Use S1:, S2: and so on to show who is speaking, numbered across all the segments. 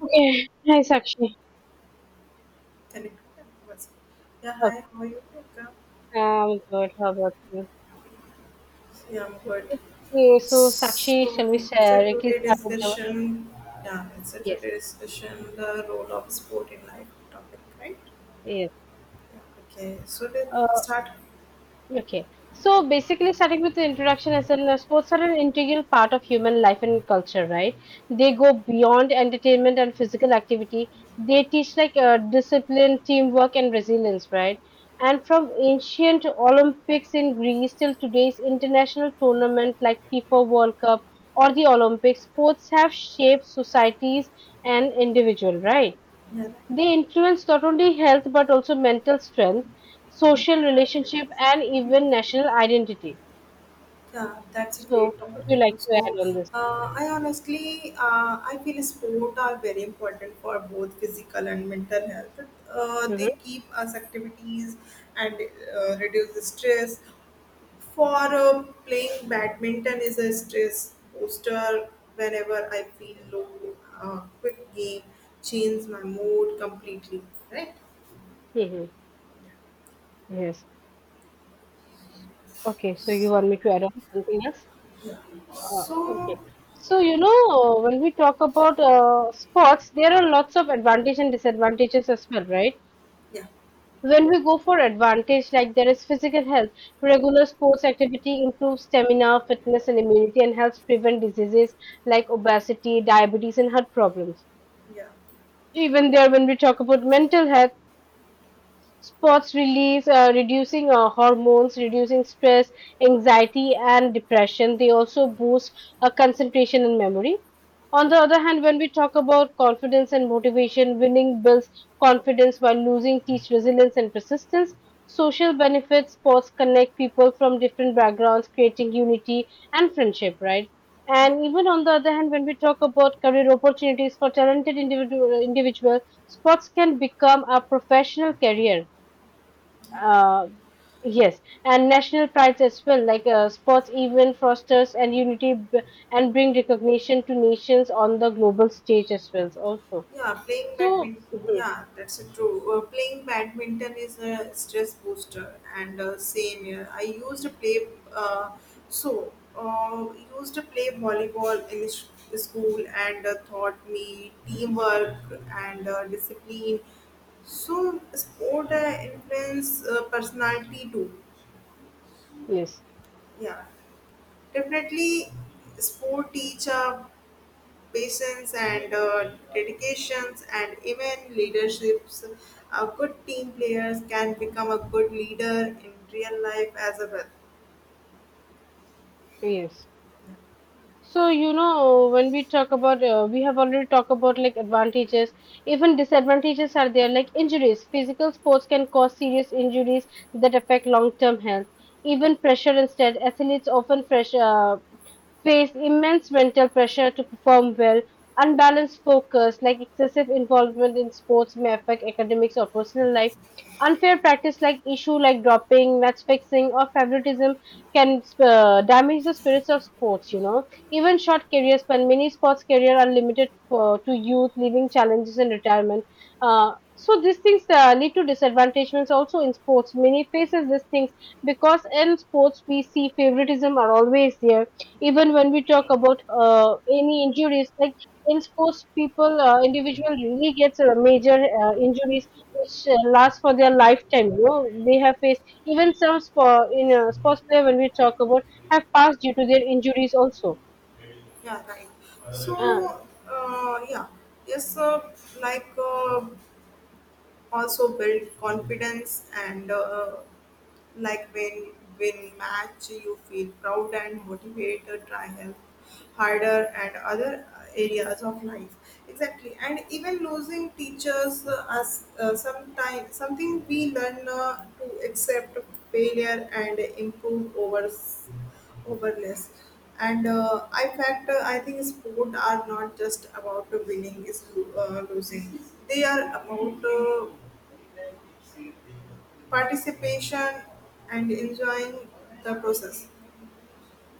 S1: Okay. Hi, Sakshi.
S2: Telegram. What's yeah,
S1: Oh,
S2: hi, how are you? Priyanka?
S1: I'm good. How about you?
S2: Yeah, I'm good.
S1: Okay, so Sakshi,
S2: So
S1: shall we
S2: it's a
S1: directly
S2: today
S1: start with the
S2: discussion. Yeah, it's a
S1: yes,
S2: today discussion, the role of sport in life topic, right?
S1: yes.
S2: Yeah, okay. So let's
S1: Uh,
S2: start.
S1: Okay. So basically, starting with the introduction, as in sports are an integral part of human life and culture, right? They
S2: Yeah.
S1: go beyond entertainment and physical activity. They teach like discipline, teamwork, and resilience, right? And from ancient Olympics in Greece till today's international tournament like FIFA World Cup or the Olympics, sports have shaped societies and individual, right?
S2: Yeah, right.
S1: They influence not only health but also mental strength, social relationship, and even national identity.
S2: Yeah, that's a
S1: So, what
S2: great
S1: would you
S2: topic.
S1: like to add on this?
S2: I honestly, I feel sport are very important for both physical and mental health. They
S1: Hmm.
S2: keep us activities and reduce the stress. For playing badminton is a stress booster. Whenever I feel low, a quick game changes my mood completely. Right?
S1: Hmm. Yes. Okay. So, you want me to add on something else? Okay.
S2: So,
S1: So, you know, when we talk about sports, there are lots of advantages and disadvantages as well, right?
S2: yeah,
S1: When we go for advantage, like there is physical health, regular sports activity improves stamina, fitness, and immunity, and helps prevent diseases like obesity, diabetes, and heart problems.
S2: yeah,
S1: Even there, when we talk about mental health, sports release, reducing hormones, reducing stress, anxiety, and depression. They also boost concentration and memory. On the other hand, when we talk about confidence and motivation, winning builds confidence while losing teach resilience and persistence. Social benefits, sports connect people from different backgrounds, creating unity and friendship, right?
S2: yeah,
S1: And even on the other hand, when we talk about career opportunities for talented individual sports can become a professional career.
S2: yeah, right.
S1: uh, yes, and national prides as well, like sports event fosters and unity and bring recognition to nations on the global stage as well. Also,
S2: Yeah, playing
S1: so
S2: badminton.
S1: mhm,
S2: Yeah, that's a true. Playing badminton is a stress booster, and same here. I used to play. Uh, so, uh, Used to play volleyball in school, and taught me teamwork and discipline. So, sport influence personality too.
S1: yes,
S2: Yeah, definitely, sport teach a patience and dedications and even leaderships. A good team players can become a good leader in real life as well.
S1: yes. So, you know, when we talk about, we have already talked about like advantages. Even disadvantages are there, like injuries. Physical sports can cause serious injuries that affect long-term health. Even pressure instead, athletes often fresh, face immense mental pressure to perform well. Unbalanced focus, like excessive involvement in sports, may affect academics or personal life. Unfair practice, like issue like dropping, match fixing, or favoritism, can damage the spirits of sports. You know, even short career span, many sports career are limited to youth, leaving challenges in retirement. So these things lead to disadvantagements also in sports. Many faces these things because in sports we see favoritism are always there. Even when we talk about any injuries, like in sports, people individual really gets major injuries which last for their lifetime. You know, they have faced even some sport in sports player when we talk about have passed due to their injuries also.
S2: Yeah, right. So,
S1: Ah,
S2: uh, yeah, yes, uh, like uh, Also build confidence and like when match you feel proud and motivated try help harder and other areas of life exactly, and even losing teachers as sometime something we learn to accept failure and improve over less. And I think sport are not just about winning is losing. They are about participation and enjoying the process.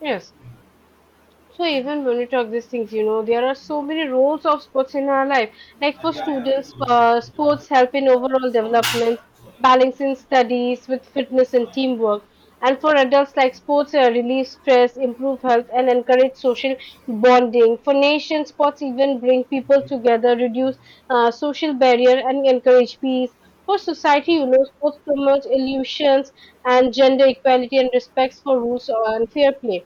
S1: yes. So
S2: Yeah.
S1: even when we talk these things, you know, there are so many roles of sports in our life. Like for students, sports help in overall development, balancing studies with fitness and teamwork. And for adults, like sports relieve stress, improve health, and encourage social bonding. For nations, sports even bring people together, reduce social barrier, and encourage peace. For society, you know, sports promote illusions and gender equality and respects for rules and fair play.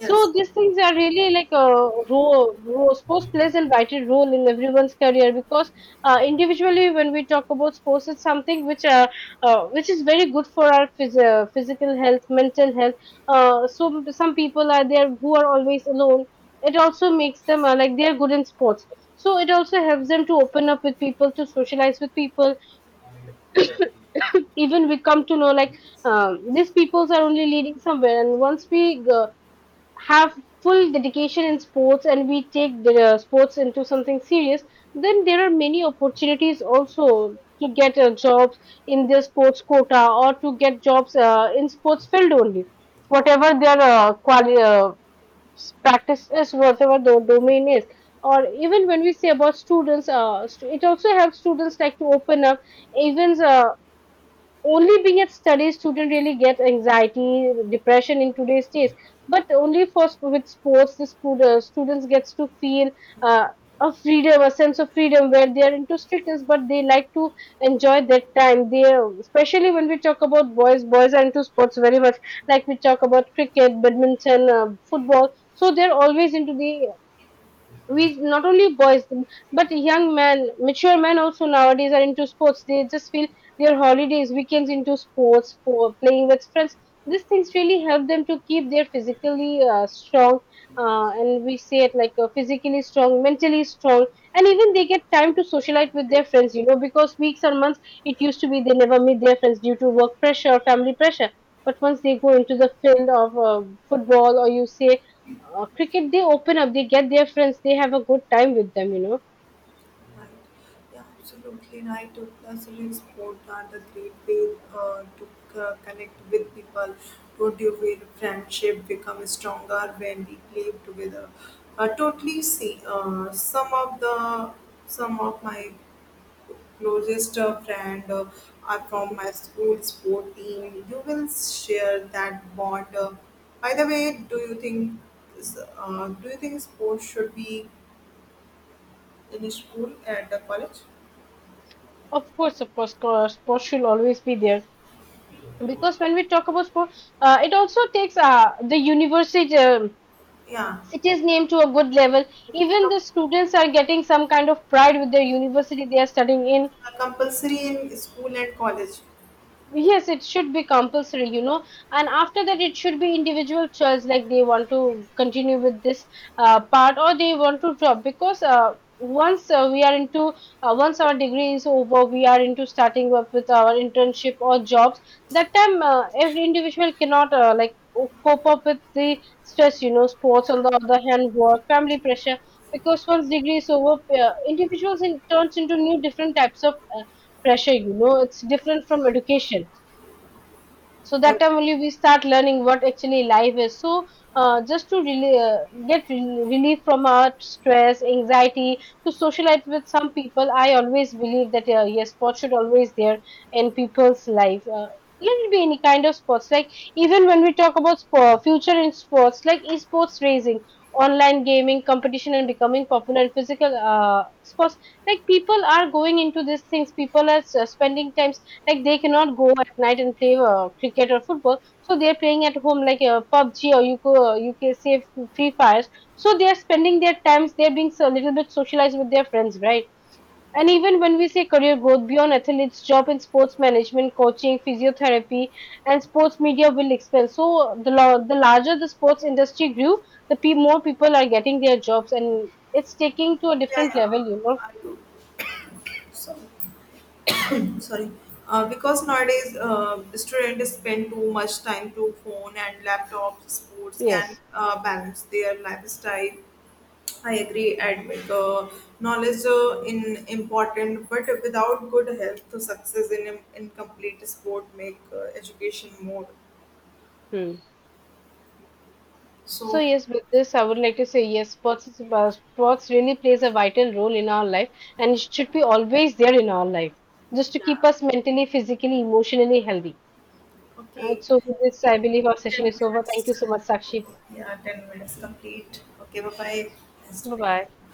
S2: Yes.
S1: these things are really like a role. Sports plays an vital role in everyone's career because individually, when we talk about sports, it's something which is very good for our physical health, mental health. So some people are there who are always alone. It also makes them like they are good in sports. So it also helps them to open up with people, to socialize with people. Even we come to know like these peoples are only leading somewhere, and once we have full dedication in sports and we take the sports into something serious, then there are many opportunities also to get jobs in their sports quota or to get jobs in sports field only. Whatever their practice is, whatever the domain is. Or even when we say about students, it also helps students like to open up events. Only being at studies student really get anxiety depression in today's days but only for with sports the students gets to feel uh, a freedom, a sense of freedom where they are into strictness but they like to enjoy that time they, especially when we talk about boys, boys are into sports very much. Like we talk about cricket, badminton, football, so they're always into the, we not only boys but young men, mature men also nowadays are into sports. They just feel their holidays, weekends into sports for playing with friends. These things really help them to keep their physically strong, and we say it like physically strong, mentally strong. And even they get time to socialize with their friends, you know, because weeks or months it used to be they never meet their friends due to work pressure or family pressure. But once they go into the field of football, or you say cricket, they open up, they get their friends, they have a good time with them, you know.
S2: Right. Yeah, absolutely right. Classical sport are the great way to connect with people. Don't you feel friendship become stronger when we play together? Totally see some of my closest friend are from my school sport team. You will share that bond. By the way, do you think do you think sports should be in school at the college?
S1: Of course, of course, sports should always be there because when we talk about sport, it also takes the university,
S2: Yeah,
S1: city's name to a good level. Even the students are getting some kind of pride with their university they are studying in.
S2: compulsory in school and college.
S1: Yes, it should be compulsory, you know, and after that, it should be individual choice, like they want to continue with this part or they want to drop because once we are into, once our degree is over, we are into starting up with our internship or jobs. That time, every individual cannot like cope up with the stress, you know, sports on the other hand, work, family pressure. Because once degree is over, individuals in, turns into new different types of pressure. You know, it's different from education, so
S2: Yeah,
S1: that time only we start learning what actually life is. So just to really get relief from our stress, anxiety, to socialize with some people, I always believe that yes, sports should always there in people's life, let it be any kind of sports. Like even when we talk about sport, future in sports like esports, racing, online gaming competition and becoming popular in physical sports, like people are going into these things. People are spending time, like they cannot go at night and play cricket or football, so they're playing at home, like PUBG, or you can say Free Fires. So they're spending their times, they're being a little bit socialized with their friends, right. And even when we say career growth beyond athletes, job in sports management, coaching, physiotherapy, and sports media will expand. So the larger the sports industry grew, more people are getting their jobs and it's taking to a
S2: yeah,
S1: different
S2: yeah.
S1: level, you know.
S2: I do. So, sorry. Because nowadays students spend too much time to phone and laptop sports can
S1: Yes.
S2: balance their lifestyle. I agree. And knowledge in important, but without good help to success in incomplete sport make education more.
S1: Hmm. So
S2: So
S1: yes, with this, I would like to say yes, sports is, sports really plays a vital role in our life, and it should be always there in our life, just to keep
S2: yeah.
S1: us mentally, physically, emotionally healthy.
S2: Okay,
S1: So with this, I believe our
S2: 10
S1: session is over. Thank you
S2: minutes.
S1: so much, Sakshi.
S2: Yeah, 10 minutes complete. Okay, bye bye. Nice to
S1: Bye
S2: meet
S1: bye.
S2: you.